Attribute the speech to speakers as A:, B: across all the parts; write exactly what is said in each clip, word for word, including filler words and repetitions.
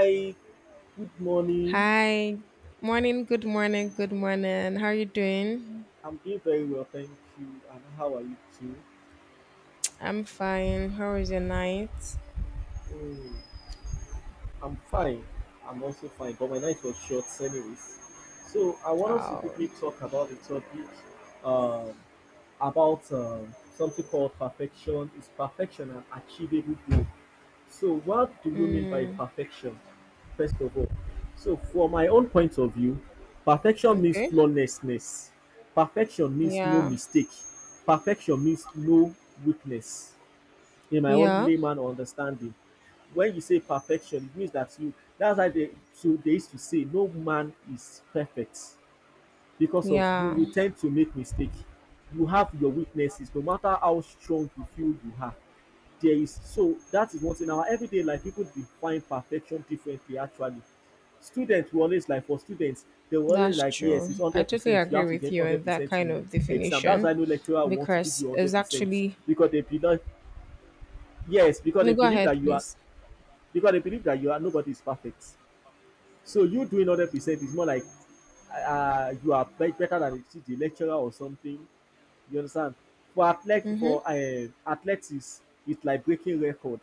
A: Hi, good morning.
B: Hi. Morning, good morning, good morning. How are you doing?
A: I'm doing very well, thank you. And how are you too?
B: I'm fine. How was your night?
A: Mm, I'm fine. I'm also fine, but my night was short, anyways. So I want us to
B: Oh,
A: quickly talk about the topic um, about um, something called perfection. Is perfection an achievable goal? So, what do you mean by
B: mm,
A: perfection, first of all? So, from my own point of view, perfection means
B: okay.
A: flawlessness. Perfection means no
B: Yeah,
A: mistake. Perfection means no weakness. In my own
B: yeah,
A: layman understanding, when you say perfection, it means that you. That's why they so they used to say no man is perfect because of you
B: yeah,
A: will tend to make mistake. You have your weaknesses, no matter how strong you feel you are there is so that is one thing. Our everyday life, people define perfection differently. Actually, students will always like for students, they will always
B: that's
A: like yes, it's
B: true.
A: one
B: I
A: hundred
B: totally
A: percent. You
B: agree
A: have to
B: with
A: get
B: you
A: one
B: on
A: hundred
B: that
A: percent
B: kind
A: in
B: of
A: exam. That's
B: definition
A: why no lecturer want to give
B: because
A: you one
B: it's
A: hundred percent
B: actually.
A: because they believe yes because
B: No,
A: they
B: go
A: believe
B: ahead,
A: that you are
B: please.
A: because they believe that you are nobody is perfect. So you doing one hundred percent is more like uh, uh, you are be- better than the, lecturer or something. You understand? For athlet
B: Mm-hmm.
A: for uh, athletics, it's like breaking record,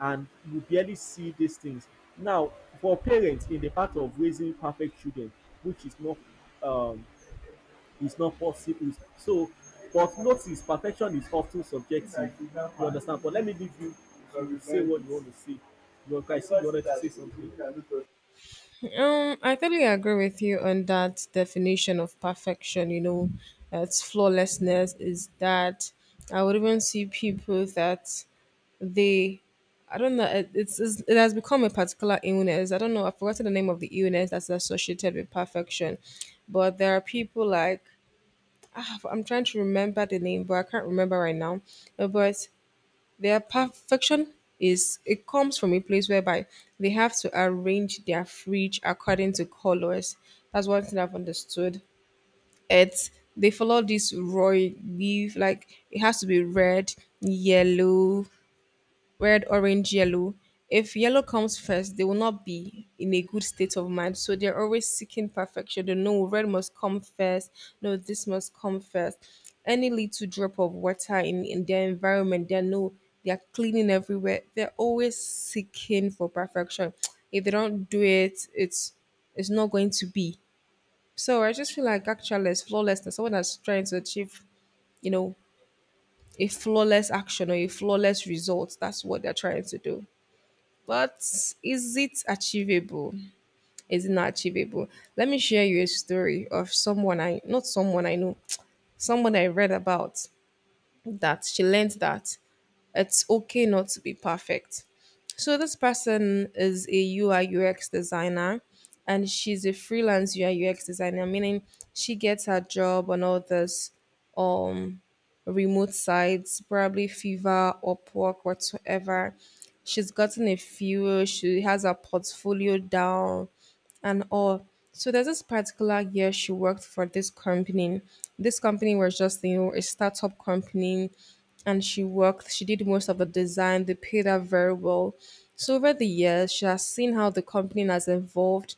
A: and you barely see these things. Now, for parents in the part of raising perfect children, which is not um, is not possible. So, but notice perfection is often subjective. You understand? But let me leave you to say what you want to say. You, want I see you wanted to say something.
B: Um, I totally agree with you on that definition of perfection. You know, it's flawlessness is that I would even see people that they I don't know. It, it's, it's it has become a particular illness. I don't know. I've forgotten the name of the illness that's associated with perfection, but there are people like ah, I'm trying to remember the name, but I can't remember right now. Uh, But their perfection is it comes from a place whereby they have to arrange their fridge according to colors. That's one thing I've understood. It's they follow this roy leaf like it has to be red, yellow, red, orange, yellow. If yellow comes first, they will not be in a good state of mind. So they're always seeking perfection. They know red must come first. No, this must come first. Any little drop of water in, in their environment, they know they are cleaning everywhere. They're always seeking for perfection. If they don't do it, it's it's not going to be. So I just feel like actualness, flawlessness, someone that's trying to achieve, you know, a flawless action or a flawless result. That's what they're trying to do. But is it achievable? Is it not achievable? Let me share you a story of someone I not someone I know, someone I read about that she learned that it's okay not to be perfect. So this person is a U I U X designer and she's a freelance U I U X designer, meaning she gets her job and all this um remote sites, probably Fiverr, Upwork, whatsoever. She's gotten a few, she has her portfolio down and all. So there's this particular year she worked for this company. This company was just, you know, a startup company and she worked, she did most of the design, they paid her very well. So over the years, she has seen how the company has evolved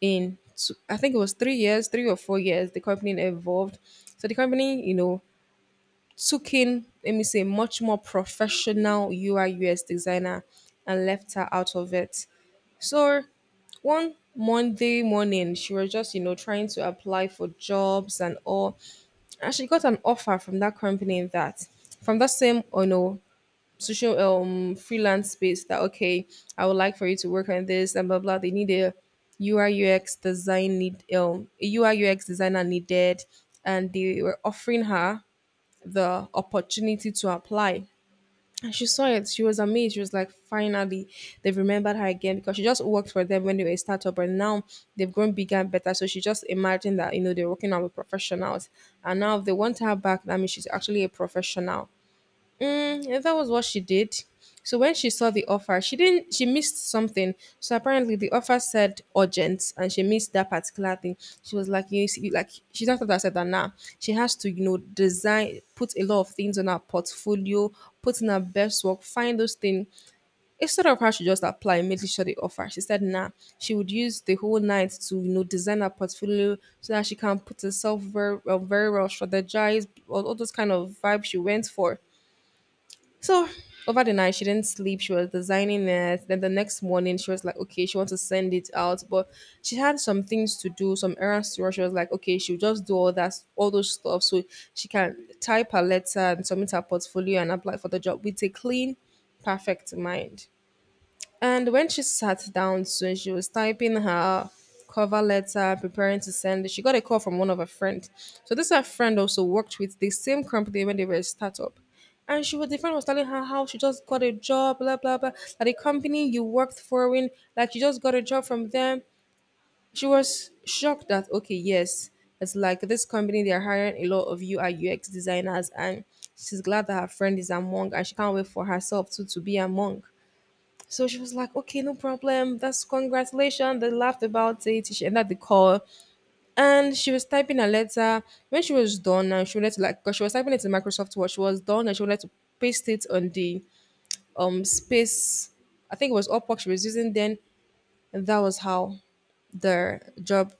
B: in, two, I think it was three years, three or four years, the company evolved. So the company, you know, took in, let me say, much more professional U I U S designer and left her out of it. So one Monday morning, she was just, you know, trying to apply for jobs and all. And she got an offer from that company that, from that same, oh no, social um freelance space that, okay, I would like for you to work on this and blah, blah. They need a UI UX design need, um, a UI UX designer needed. And they were offering her the opportunity to apply. And she saw it. She was amazed. She was like, finally, they've remembered her again because she just worked for them when they were a startup and now they've grown bigger and better. So she just imagined that, you know, they're working on with professionals. And now if they want her back, that means she's actually a professional. Yeah, that was what she did. So when she saw the offer, she didn't she missed something. So apparently the offer said urgent and she missed that particular thing. She was like, you see, like she's not that I said that now. She has to, you know, design, put a lot of things on her portfolio, put in her best work, find those things. Instead of her she just apply immediately saw the offer. She said nah. She would use the whole night to, you know, design her portfolio so that she can put herself very well, very well strategize all, all those kind of vibes she went for so over the night, she didn't sleep. She was designing it. Then the next morning, she was like, okay, she wants to send it out, but she had some things to do, some errands to run. She was like, okay, she'll just do all that, all those stuff, so she can type her letter and submit her portfolio and apply for the job with a clean, perfect mind. And when she sat down soon, she was typing her cover letter, preparing to send it. She got a call from one of her friends. So this her friend also worked with the same company when they were a startup. And she was the friend was telling her how she just got a job, blah blah blah. That the company you worked for in, like you just got a job from them. She was shocked that okay, yes, it's like this company they are hiring a lot of U I U X designers, and she's glad that her friend is among, and she can't wait for herself too to be among. So she was like, okay, no problem. That's congratulations. They laughed about it. She ended the call and she was typing a letter. When she was done and she wanted to like, cause she was typing it in Microsoft Word. She was done and she wanted to paste it on the um space. I think it was Upwork she was using then. And that was how the job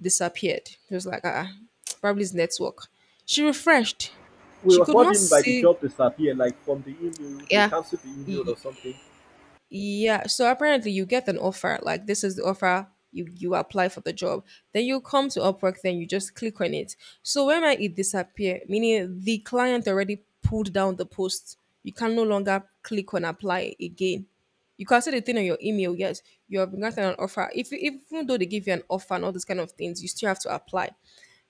B: disappeared. It was like, ah, probably it's network. She refreshed.
A: we
B: She
A: were
B: could
A: what do
B: not
A: you mean by the
B: see.
A: job disappear? Like from the email, they
B: Yeah.
A: cancel the email or something.
B: Yeah, so apparently you get an offer, like this is the offer, you you apply for the job. Then you come to Upwork, then you just click on it. So when might it disappear? Meaning the client already pulled down the post. You can no longer click on apply again. You can see the thing on your email, yes, you have been gotten an offer. If if- even though they give you an offer and all these kind of things, you still have to apply.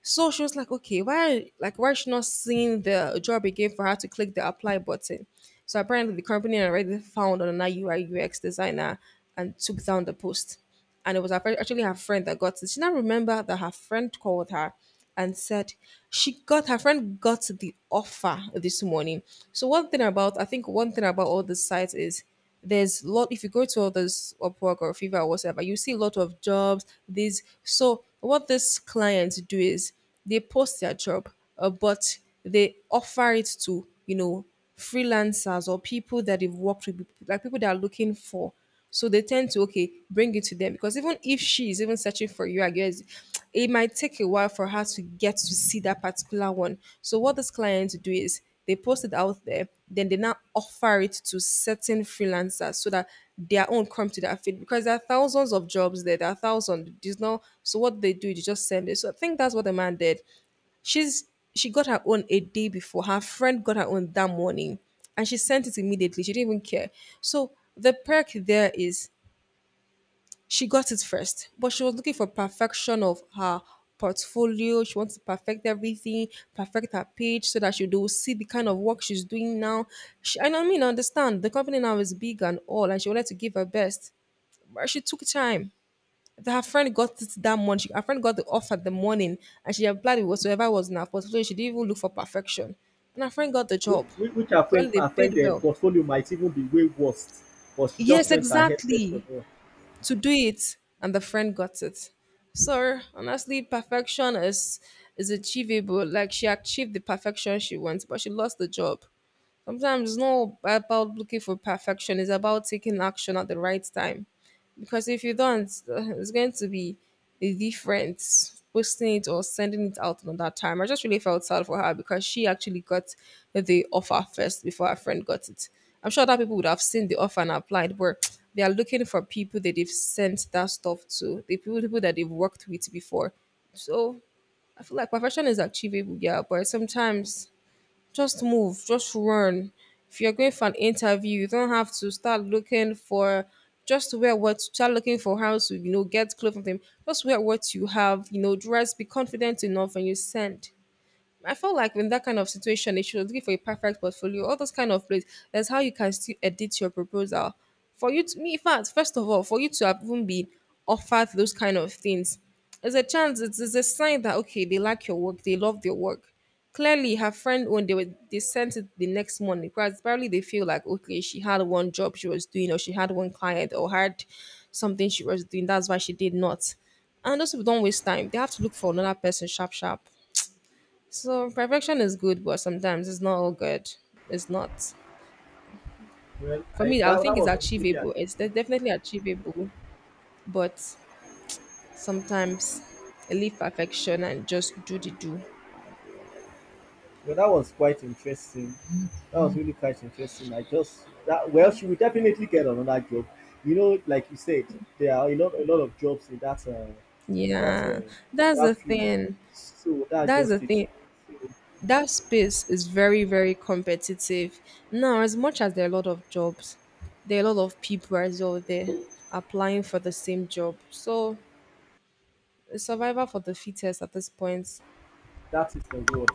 B: So she was like, okay, why like why is she not seeing the job again for her to click the apply button? So apparently the company had already found another U I U X designer and took down the post. And it was her fri- actually her friend that got it. She now remembered that her friend called her and said she got her friend got the offer this morning. So one thing about I think one thing about all the sites is there's a lot if you go to others those Upwork or Fiverr or whatever, you see a lot of jobs. These so what these clients do is they post their job, uh, but they offer it to you know freelancers or people that they've worked with, like people that are looking for so they tend to okay, bring it to them because even if she is even searching for you, I guess it might take a while for her to get to see that particular one. So what this client do is they post it out there, then they now offer it to certain freelancers so that their own come to that feed because there are thousands of jobs there, there are thousands. There's no so what they do, they just send it. So I think that's what the man did. She's she got her own a day before. Her friend got her own that morning and she sent it immediately. She didn't even care. So the perk there is she got it first, but she was looking for perfection of her portfolio. She wants to perfect everything, perfect her page so that she will see the kind of work she's doing now. She, and I mean, understand the company now is big and all, and she wanted to give her best, but she took time that her friend got it that morning. She, her friend got the offer the morning and she applied with whatsoever was in her portfolio. She didn't even look for perfection. And her friend got the
A: Which,
B: job.
A: which which her friend,
B: Clearly, they
A: find
B: paid
A: the
B: well.
A: portfolio might even be way worse, but she just
B: Yes,
A: went ahead first of
B: exactly.
A: all.
B: To do it. And the friend got it. So, honestly, perfection is is achievable. Like, she achieved the perfection she wants, but she lost the job. Sometimes it's not about looking for perfection, it's about taking action at the right time. Because if you don't, uh, it's going to be the difference posting it or sending it out on that time. I just really felt sad for her because she actually got the offer first before her friend got it. I'm sure that people would have seen the offer and applied, but they are looking for people that they've sent that stuff to, the people, people that they've worked with before. So I feel like perfection is achievable, yeah, but sometimes just move, just run. If you're going for an interview, you don't have to start looking for just wear what start looking for how to, you know, get clothes from them. Just wear what you have, you know, dress, be confident enough and you send. I felt like in that kind of situation, they should looking for a perfect portfolio, all those kind of plays. That's how you can still edit your proposal. For you to me, in fact, first of all, for you to have even been offered those kind of things, there's a chance, it's, it's a sign that okay, they like your work, they love your work. Clearly, her friend when they were they sent it the next morning, because probably they feel like okay, she had one job she was doing, or she had one client, or had something she was doing. That's why she did not. And those people don't waste time. They have to look for another person sharp sharp. So perfection is good, but sometimes it's not all good. It's not.
A: Well,
B: For
A: I
B: me, I
A: that,
B: think
A: that
B: it's
A: was really, uh,
B: achievable. It's de- definitely achievable, but sometimes leave perfection and just do the do.
A: well, that was quite interesting. That was really quite interesting. I just that well, she will definitely get another job. You know, like you said, there are a lot a lot of jobs in that uh, in that uh,
B: Yeah,
A: in
B: that's the
A: that field.
B: thing.
A: So that's
B: That's the
A: just it.
B: thing.
A: So
B: That space is very, very competitive. Now, as much as there are a lot of jobs, there are a lot of people as well there applying for the same job. So, it's survival for the fittest at this point.
A: that is the word.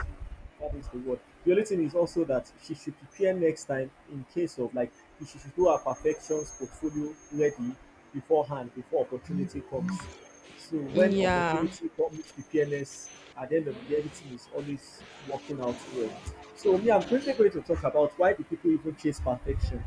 A: That is the word. The only thing is also that she should prepare next time in case of like she should do her perfections portfolio ready beforehand before opportunity comes. So when
B: Yeah.
A: opportunity comes, preparedness at the end of the day, everything is always working out well. So me, I'm quickly going to talk about why do people even chase perfection.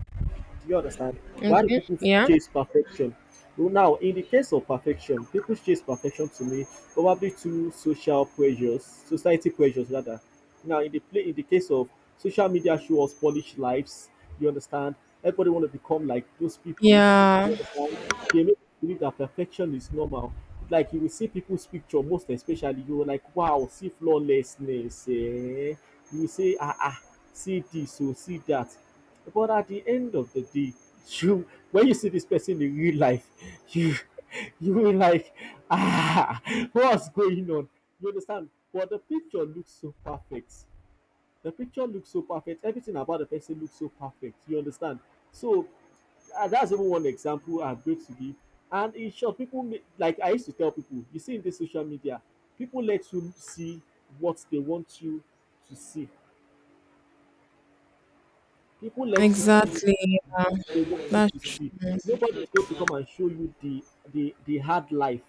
A: Do you understand? Why do people
B: Okay.
A: chase perfection? Well, now, in the case of perfection, people chase perfection to me probably through social pressures, society pressures rather. Now, in the play, in the case of social media, show us polished lives. You understand? Everybody want to become like those people. You
B: Yeah,
A: understand? They make you believe that perfection is normal. Like you will see people's picture, most especially you will like, wow, see flawlessness. Eh? You will say, ah ah, see this, so see that. But at the end of the day, you when you see this person in real life, you you will like, ah, what's going on? You understand? But the picture looks so perfect. The picture looks so perfect. Everything about the person looks so perfect. You understand? So uh, that's even one example I'm going to give. And in short, people ma- like I used to tell people, you see in this social media, people let you see what they want you to see. People let you see
B: exactly.
A: what they want you to
B: That's
A: see. Nobody is going to come and show you the the, the hard life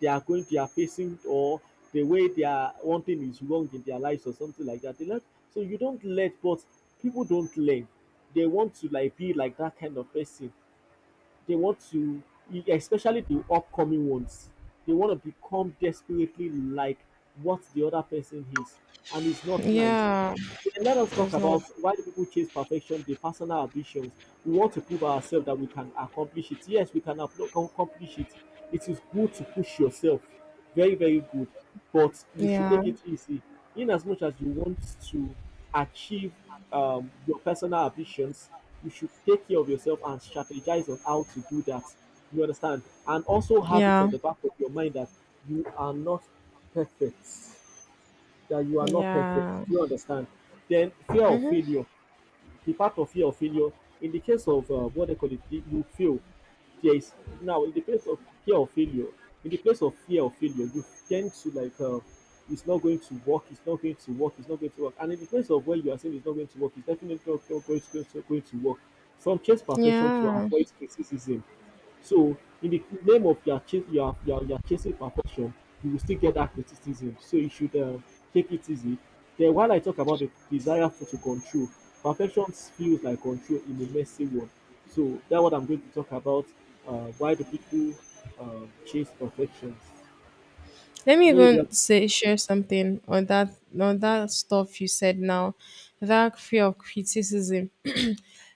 A: they are going they are facing or the way they are one thing is wrong in their lives or something like that. They let, so you don't let, but people don't learn. They want to like be like that kind of person. They want to, especially the upcoming ones. They want to become desperately like what the other person is, and it's not nice.
B: yeah,
A: Then let us talk
B: it's not.
A: about why do people chase perfection, the personal ambitions. We want to prove ourselves that we can accomplish it. Yes, we can ap- accomplish it. It is good to push yourself. Very, very good. But you should
B: Yeah,
A: take it easy. In as much as you want to achieve um, your personal ambitions, you should take care of yourself and strategize on how to do that. You understand? And also have it
B: yeah,
A: on the back of your mind that you are not perfect that you are not
B: yeah.
A: perfect. Do you understand? Then fear of
B: Mm-hmm.
A: failure, the part of fear of failure. In the case of uh, what they call it, the- you fail. There is now in the place of fear of failure. In the place of fear of failure, you tend to like uh, it's not going to work. It's not going to work. It's not going to work. And in the place of where you are saying it's not going to work, it's definitely not, going, to, going to going to work. Some chase perfection to
B: Yeah.
A: avoid criticism so in the name of your chase, your are, you chasing perfection, you will still get that criticism. So you should uh, take it easy. Then while I talk about the desire for to control, perfection feels like control in a messy world. So that's what I'm going to talk about. Uh, why do people uh, chase perfections?
B: Let
A: I
B: me
A: don't know if you have
B: even say
A: anything
B: share
A: to say.
B: something on that on that stuff you said now. That fear of criticism.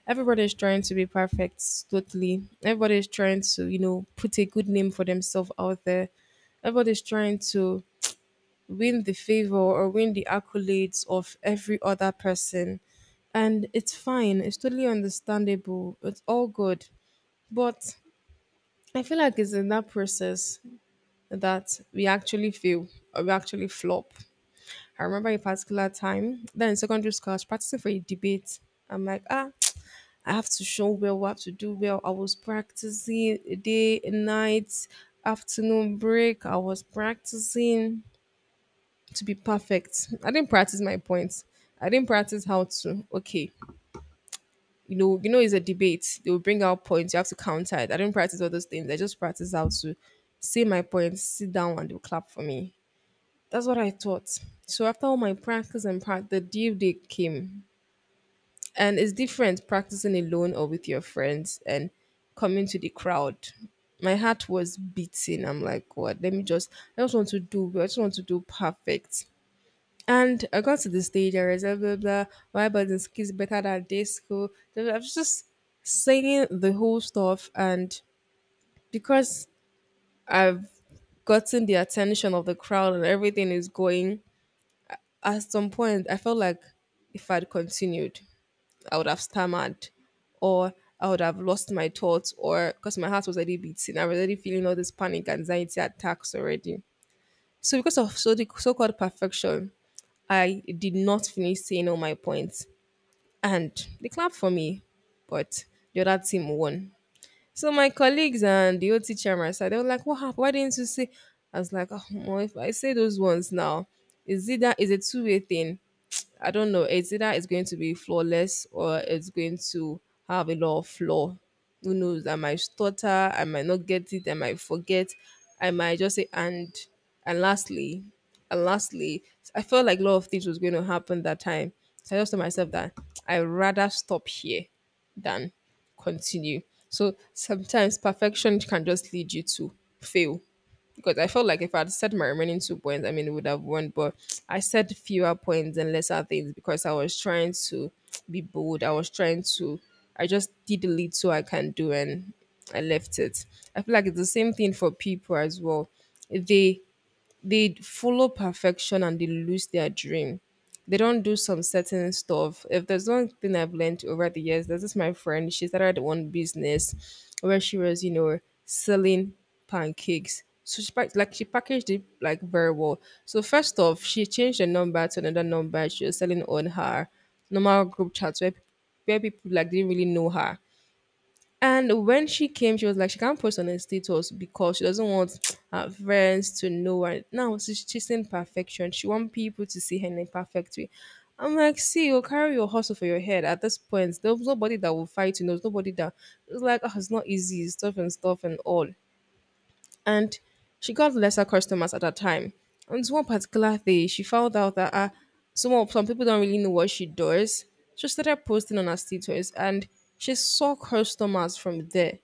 B: Everybody is trying to be perfect, totally. Everybody is trying to, you know, put a good name for themselves out there. Everybody's trying to win the favor or win the accolades of every other person. And it's fine, it's totally understandable, it's all good. But I feel like it's in that process that we actually fail or we actually flop. I remember a particular time, then in secondary school, I was practicing for a debate. I'm like, ah, I have to show well, I have to do well. I was practicing day, night, afternoon break. I was practicing to be perfect. I didn't practice my points. I didn't practice how to okay, you know, you know, it's a debate. They will bring out points. You have to counter it. I didn't practice all those things. I just practiced how to say my points, sit down, and they'll clap for me. That's what I thought. So after all my practice and practice, the due date came, and it's different practicing alone or with your friends and coming to the crowd. My heart was beating. I'm like, God. Let me just. I just want to do. Well. I just want to do perfect. And I got to the stage, I was blah, blah, blah, my buzzing skills better than day school. I was just saying the whole stuff. And because I've gotten the attention of the crowd and everything is going, at some point, I felt like if I'd continued, I would have stammered or I would have lost my thoughts or because my heart was already beating. I was already feeling all this panic, anxiety attacks already. So because of so the so-called perfection, I did not finish saying all my points. And they clapped for me, but the other team won. So my colleagues and the old teacher, on my side, they were like, "What happened? Why didn't you say?" I was like, "Oh, Omo, if I say those ones now, is it that is a two way thing? I don't know. It's either it's going to be flawless or it's going to have a lot of flaw. Who knows? I might stutter. I might not get it. I might forget. I might just say and and lastly, and lastly, I felt like a lot of things was going to happen that time. So I just told myself that I would rather stop here than continue. So sometimes perfection can just lead you to fail. Because I felt like if I had said my remaining two points, I mean, it would have won. But I said fewer points and lesser things because I was trying to be bold. I was trying to, I just did the little I can do and I left it. I feel like it's the same thing for people as well. They they follow perfection and they lose their dream. They don't do some certain stuff. If there's one thing I've learned over the years, there's this my friend, she started one business where she was, you know, selling pancakes. So she pack- like she packaged it like very well. So first off, she changed the number to another number she was selling on her normal group chat where where people like didn't really know her. And when she came, she was like, she can't post on her status because she doesn't want her friends to know. And now she's chasing perfection. She wants people to see her in a perfect way. I'm like, see, you carry your hustle for your head at this point. There's nobody that will fight you. There's nobody that it's like, oh, it's not easy, stuff and stuff and all. And she got lesser customers at that time. And this one particular day, she found out that uh, some some people don't really know what she does. She started posting on her status, and she saw customers from there.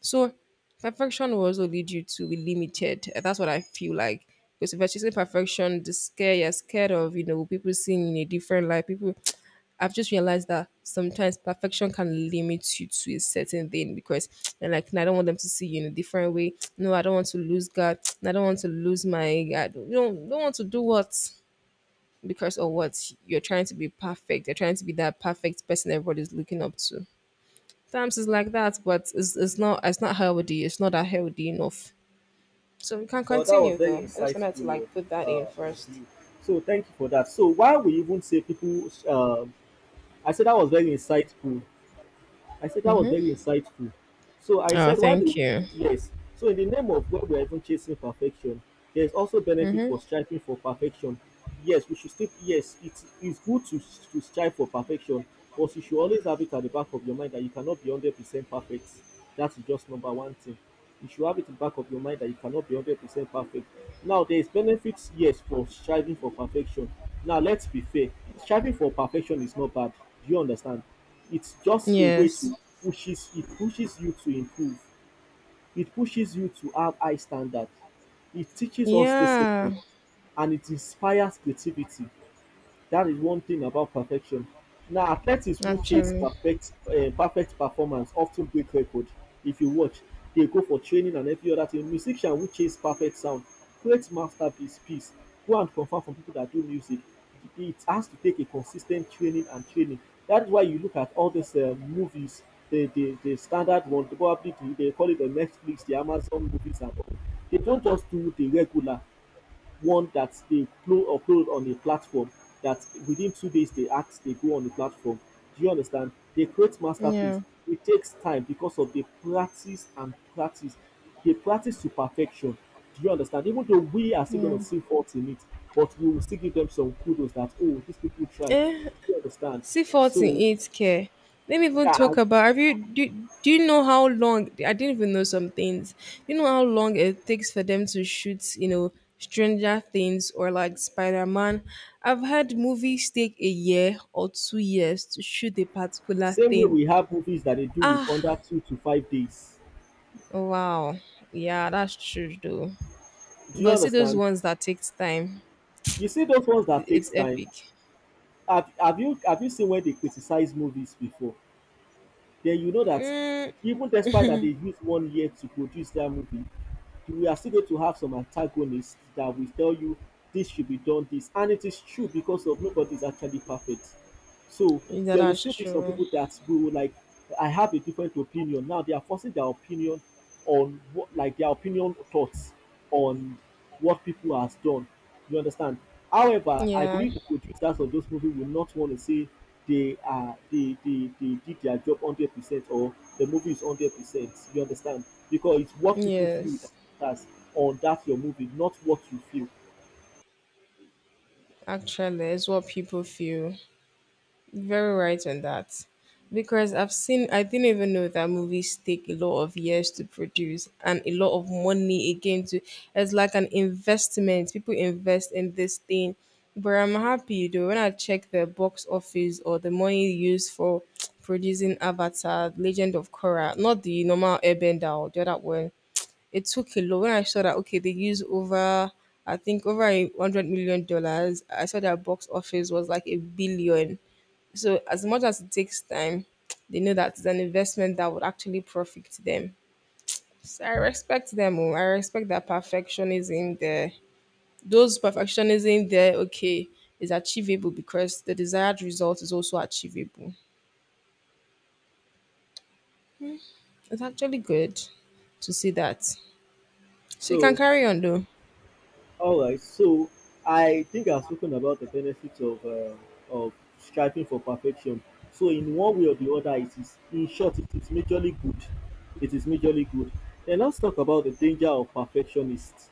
B: So perfection will also lead you to be limited. Uh, That's what I feel like. Because if you're chasing perfection, the scare you're scared of, you know, people seeing you in a different light. People, I've just realized that sometimes perfection can limit you to a certain thing because they're like, "No, I don't want them to see you in a different way. No, I don't want to lose God. I don't want to lose my God. You don't, don't want to do what because of what you're trying to be perfect. You're trying to be that perfect person everybody's looking up to. Times is like that, but it's, it's not it's not healthy. It's not that healthy enough. So we can
A: So that was
B: continue
A: very
B: though. I just wanted to
A: insightful of,
B: like put that in
A: uh, of
B: first.
A: you. So thank you for that. So why we even say people, um I said that was very insightful I said that was very insightful. So I
B: Oh,
A: said, why
B: thank
A: do
B: you.
A: yes? So in the name of when we're even chasing perfection, there is also benefit for striving for perfection. Yes, we should still yes, it is good to to strive for perfection, but you should always have it at the back of your mind that you cannot be hundred percent perfect. That's just number one thing. You should have it in the back of your mind that you cannot be hundred percent perfect. Now there is benefits, yes, for striving for perfection. Now let's be fair. Striving for perfection is not bad. Do you understand? It's just a way
B: Yes.
A: to pushes it pushes you to improve. It pushes you to have high standard. It teaches us
B: Yeah.
A: discipline and it inspires creativity. That is one thing about perfection. Now, athletes who chase
B: Actually.
A: perfect uh, perfect performance often break record. If you watch, they go for training and every other thing. Musician who chase perfect sound create masterpiece piece. Go and confirm from people that do music. It has to take a consistent training and training. That is why you look at all these uh, movies, the, the the standard one, probably the, they call it the Netflix, the Amazon movies and all. They don't just do the regular one that they upload, upload on a platform that within two days they act, they go on the platform. Do you understand? They create masterpiece.
B: Yeah.
A: It takes time because of the practice and practice. They practice to perfection. Do you understand? Even though we are still
B: Yeah.
A: going to see faults in it, but we will still give them some kudos that, oh, these people try. Do
B: Eh,
A: you understand? So,
B: C four eight care. Let me even
A: yeah,
B: talk about. Have you do, do you know how long? I didn't even know some things. You know how long it takes for them to shoot? You know, Stranger Things or like Spider Man. I've had movies take a year or two years to shoot a particular
A: same way
B: thing.
A: we have movies that they do with
B: Ah,
A: under two to five days.
B: wow. Yeah, that's true though.
A: Do you
B: But see those
A: understand?
B: ones that takes time.
A: You see those ones that
B: It's
A: takes time,
B: epic.
A: have have you have you seen when they criticize movies before? Then you know that
B: Mm,
A: even despite that they use one year to produce their movie, we are still going to have some antagonists that will tell you this should be done this, and it is true because of nobody is actually perfect. So
B: yeah,
A: there will
B: that's
A: still be some
B: true.
A: people that will like I have a different opinion. Now they are forcing their opinion on what like their opinion thoughts on what people has done. You understand? However, I
B: Yeah.
A: believe the producers of those movies will not want to say they are they they, they did their job hundred percent or the movie is hundred percent. You understand? Because it's what people feel that
B: Yes.
A: matters on that your movie, not what you feel.
B: Actually, it's what people feel. Very right on that. Because I've seen, I didn't even know that movies take a lot of years to produce and a lot of money again to, it's like an investment. People invest in this thing. But I'm happy though when I check the box office or the money used for producing Avatar, Legend of Korra, not the normal Airbender or the other one, it took a lot. When I saw that, okay, they use over, I think over a hundred million dollars. I saw that box office was like a billion. So as much as it takes time, they know that it's an investment that would actually profit them. So I respect them. Oh. I respect that perfectionism there. Those perfectionism there, okay, is achievable because the desired result is also achievable. It's actually good to see that. So you can
A: So
B: carry on though.
A: all right, so I think I've spoken about the benefits of uh, of striving for perfection. So in one way or the other, it is in short, it is majorly good. It is majorly good. Then let's talk about the danger of perfectionists.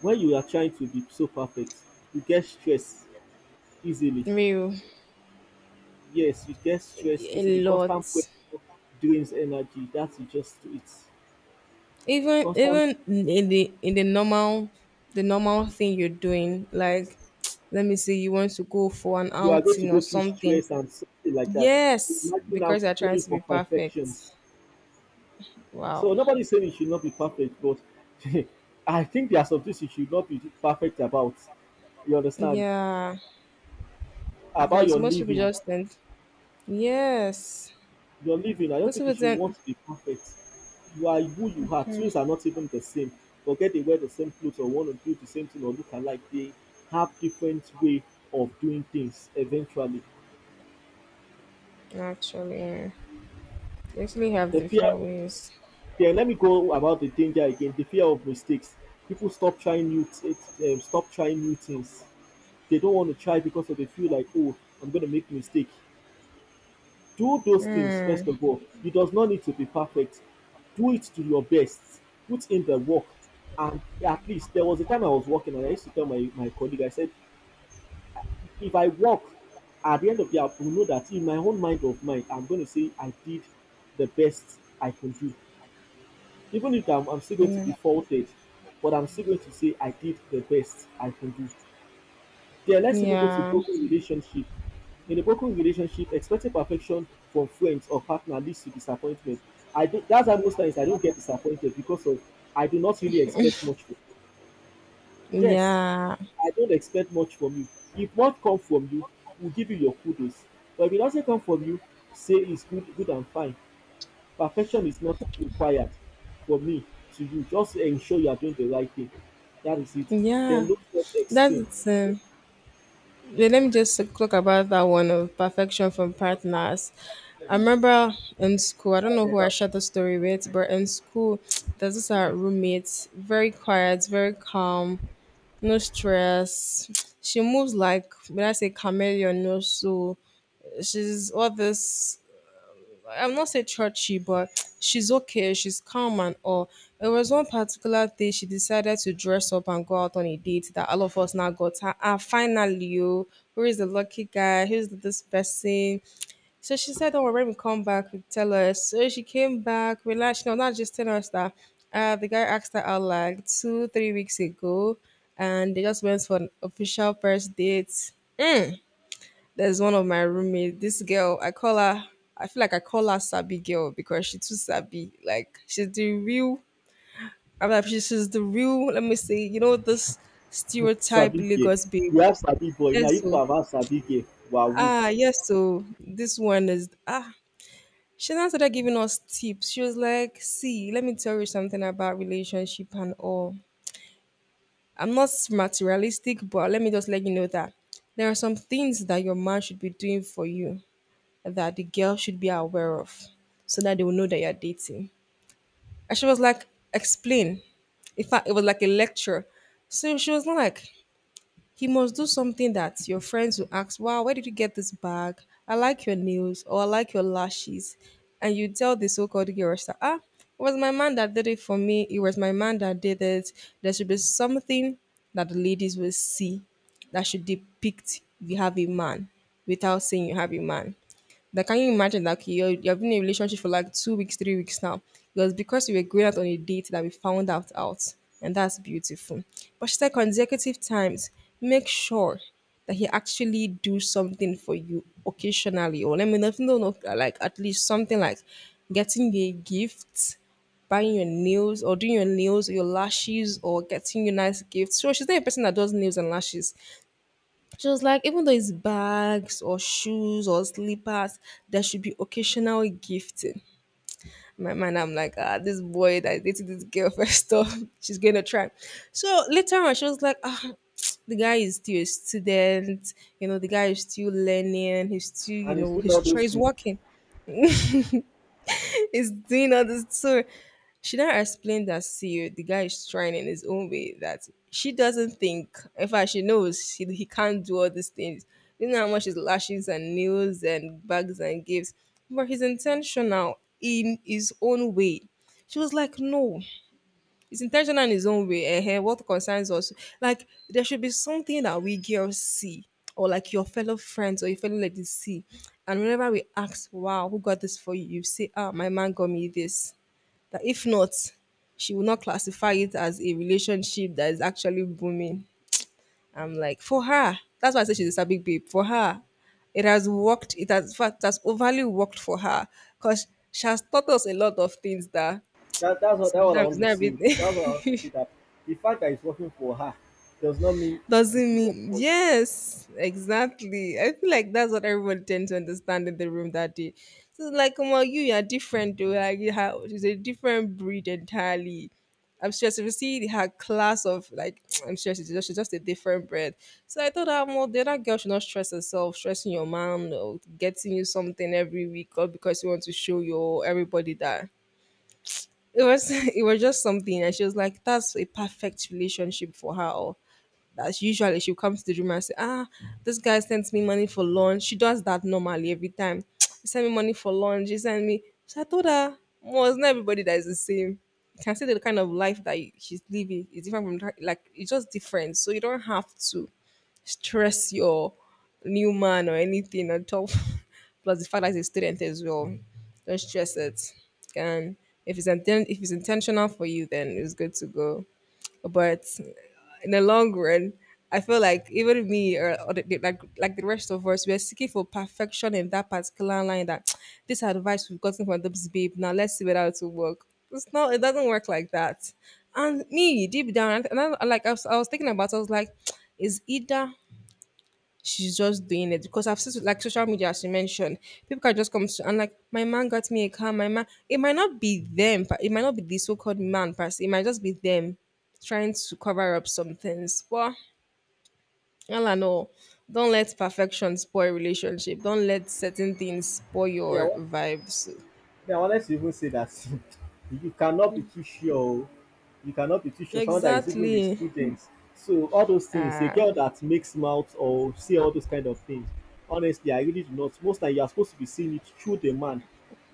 A: When you are trying to be so perfect, you get stress easily.
B: Real.
A: Yes, you get stress
B: A
A: easily.
B: lot.
A: Constant pressure drains energy. That is just it.
B: Even
A: Constant,
B: even in the in the normal the normal thing you're doing like let me see you want to go for an
A: you are going to
B: outing or
A: go through
B: something
A: stress and something like that.
B: yes
A: Imagine now
B: because you're trying
A: going
B: to be
A: for
B: perfect
A: perfections.
B: wow
A: So nobody's saying it should not be perfect, but I think there are some things you should not be perfect about. You understand?
B: yeah
A: About
B: because
A: your
B: most people
A: living.
B: just tend yes
A: Your living, I don't
B: most
A: think you
B: people
A: should
B: tend
A: want to be perfect. You are who you are.
B: Hmm,
A: Twins are not even the same. Forget they wear the same clothes or want to do the same thing or look alike. They have different way of doing things eventually.
B: actually they actually have
A: The fear.
B: different ways
A: Yeah, let me go about the danger again, the fear of mistakes. People stop trying new t- it, um, stop trying new things. They don't want to try because they feel like, oh, I'm going to make a mistake. Do those things first
B: Hmm.
A: of all. It does not need to be perfect. Do it to your best. Put in the work. And at least there was a time I was working and I used to tell my, my colleague, I said, if I work at the end of the day, I will know that in my own mind of mine, I'm going to say I did the best I can do. Even if I'm, I'm still going to be faulted, but I'm still going to say I did the best I can do. There, let's even go to
B: Yeah
A: broken relationship. In a broken relationship, expecting perfection from friends or partner leads to disappointment. I don't. That's why most times I don't get disappointed because of I do not really expect much from. Yes,
B: yeah
A: I don't expect much from you. If what comes from you, we'll give you your kudos. But if it doesn't come from you, say it's good, good and fine. Perfection is not required for me to you. Just ensure you are doing the right thing. That is it. Then
B: yeah
A: look self extreme.
B: that's it. Yeah, let me just talk about that one of perfection from partners. I remember in school, I don't know who I shared the story with, but in school, there's this our roommate, very quiet, very calm, no stress. She moves like when I say chameleon, no soul. She's all this I'm not say churchy, but she's okay. She's calm and all. There was one particular day she decided to dress up and go out on a date that all of us now got her. Ah, finally, you. Who is the lucky guy? Who's this person? So she said, "Oh, when we come back, we tell us." So she came back, relaxed. No, not just telling us that. Uh, the guy asked her out like two, three weeks ago, and they just went for an official first date. There's one of my roommates. This girl, I call her. I feel like I call her Sabi girl because she too Sabi. Like she's the real. I'm like she- she's the real. Let me say, you know this stereotype
A: Sabi care.
B: Lagos babe.
A: You have sabi boy, now
B: Yes,
A: if you
B: so
A: have sabi girl, wahoo.
B: ah yes, so this one is ah. She now started giving us tips. She was like, "See, let me tell you something about relationship and all. I'm not materialistic, but let me just let you know that there are some things that your man should be doing for you, that the girl should be aware of so that they will know that you're dating." And she was like, explain. In fact, it was like a lecture. So she was not like, he must do something that your friends will ask, "Wow, where did you get this bag? I like your nails, or I like your lashes." And you tell the so called girl that, ah, it was my man that did it for me. It was my man that did it. There should be something that the ladies will see that should depict you have a man without saying you have a man. That can you imagine that okay, you're, you've been in a relationship for like two weeks, three weeks now? It was because you were going out on a date that we found out out, and that's beautiful. But she said consecutive times, make sure that he actually do something for you occasionally, or let me not know, no, no, like at least something like getting you a gift, buying your nails, or doing your nails or your lashes, or getting you nice gifts. So she's not a person that does nails and lashes. She was like, even though it's bags or shoes or slippers, there should be occasional gifting. In my mind, I'm like, ah, this boy that dated this girl, first off, she's gonna try. So later on, she was like, ah, the guy is still a student, you know, the guy is still learning, he's still, you
A: And he's
B: know,
A: doing
B: his
A: all those
B: he's
A: things.
B: working. is doing all this. So she now explained that, see, the guy is trying in his own way. That she doesn't think, in fact, she knows he, he can't do all these things. You know how much his lashes and nails and bags and gifts, but he's intentional in his own way. She was like, no, it's intentional in his own way. uh What concerns us, like there should be something that we girls see, or like your fellow friends or your fellow ladies see, and whenever we ask, "Wow, who got this for you?" You say, "Ah, my man got me this." That if not, she will not classify it as a relationship that is actually booming. I'm like, for her, that's why I say she's a big babe. For her, it has worked. It has, in fact, it has overly worked for her, because she has taught us a lot of things that
A: That, that's, what, that's what I
B: sometimes
A: want
B: not
A: to say. That's what I want to
B: everything.
A: say that the fact that it's working for her does not mean it
B: Doesn't
A: will work
B: mean,
A: for you.
B: yes, exactly. I feel like that's what everybody tends to understand in the room that day. So it's like, well, you you are different though. Like you have, it's a different breed entirely. I'm sure if you see her class of like I'm sure she's just, she's just a different breed. So I thought that, well, the other girl should not stress herself, stressing your mom or getting you something every week, or because you want to show your everybody that it was it was just something, and she was like, that's a perfect relationship for her. That's usually, she comes to the room and say, ah, this guy sends me money for lunch. She does that normally every time. He sent me money for lunch. He sent me. So I told her, well, it's not everybody that is the same. You can see the kind of life that you- she's living is different from that- like it's just different. So you don't have to stress your new man or anything on top. Plus the fact that he's a student as well. Don't stress it. And if it's inten- if it's intentional for you, then it's good to go. But in the long run, I feel like even me, or, or the, the- like like the rest of us, we are seeking for perfection in that particular line. That This advice we've gotten from this babe, now let's see whether it will work. It's not. It doesn't work like that. And me deep down, and I, and I- like I was, I was thinking about it, I was like, is either she's just doing it because I've seen, like, social media, as you mentioned, people can just come to and like, my man got me a car, my man, it might not be them, but it might not be the so called man per se, it might just be them trying to cover up some things. Well, all I know, don't let perfection spoil relationship. Don't let certain things spoil
A: Me, I
B: your
A: want
B: vibes.
A: Me, I wanted to even say that you cannot be too sure. Oh. You cannot be too sure. Someone that is even a
B: Exactly.
A: student. So all those things, a
B: Uh,
A: girl that makes mouth or say all those kind of things. Honestly, I really do not. Most time you are supposed to be seeing it through the man.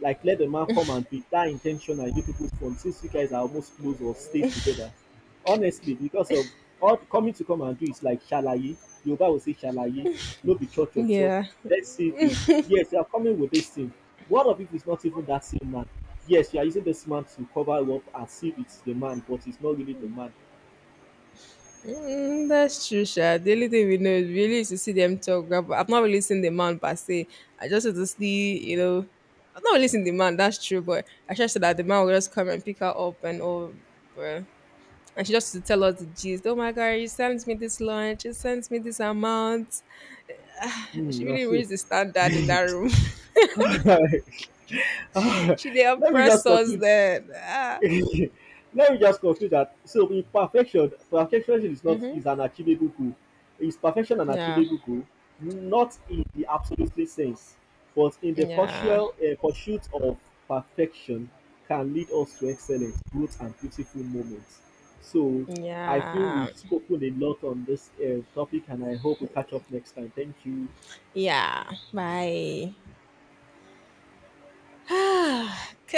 A: Like let the man come and be that intentional. You people from since you guys are almost close or stay together honestly because of all coming to come and do is like shalaye. Yoruba will say shalaye, no be cho cho cho.
B: yeah.
A: Let's see the, yes you are coming with this thing, one of it is not even that same man. Yes, you are using this man to cover up and see it's the man but it's not really the man.
B: Mm, that's true, Sha. The only thing we know is really is to see them talk. But I've not really seen the man per se. I just want to see, you know, I've not really seen the man. That's true, but I just said that the man will just come and pick her up and all, bruh. And she just to tell us the gist. Oh my god, you sent me this lunch. She sent me this amount.
A: Hmm,
B: She
A: na
B: really
A: so.
B: raised the standard in that room. She they
A: let me
B: oppress
A: just
B: us
A: conclude
B: then. Ah.
A: Let me just conclude that so with perfection, perfection is not is an achievable goal. Is perfection an
B: Yeah,
A: achievable goal? Not in the absolutely sense, but in the
B: yeah,
A: partial uh, pursuit of perfection can lead us to excellence, growth, and beautiful moments. So I feel
B: yeah,
A: we've spoken a lot on this uh, topic, and I hope we catch up next time. Thank you.
B: yeah. Bye. Okay.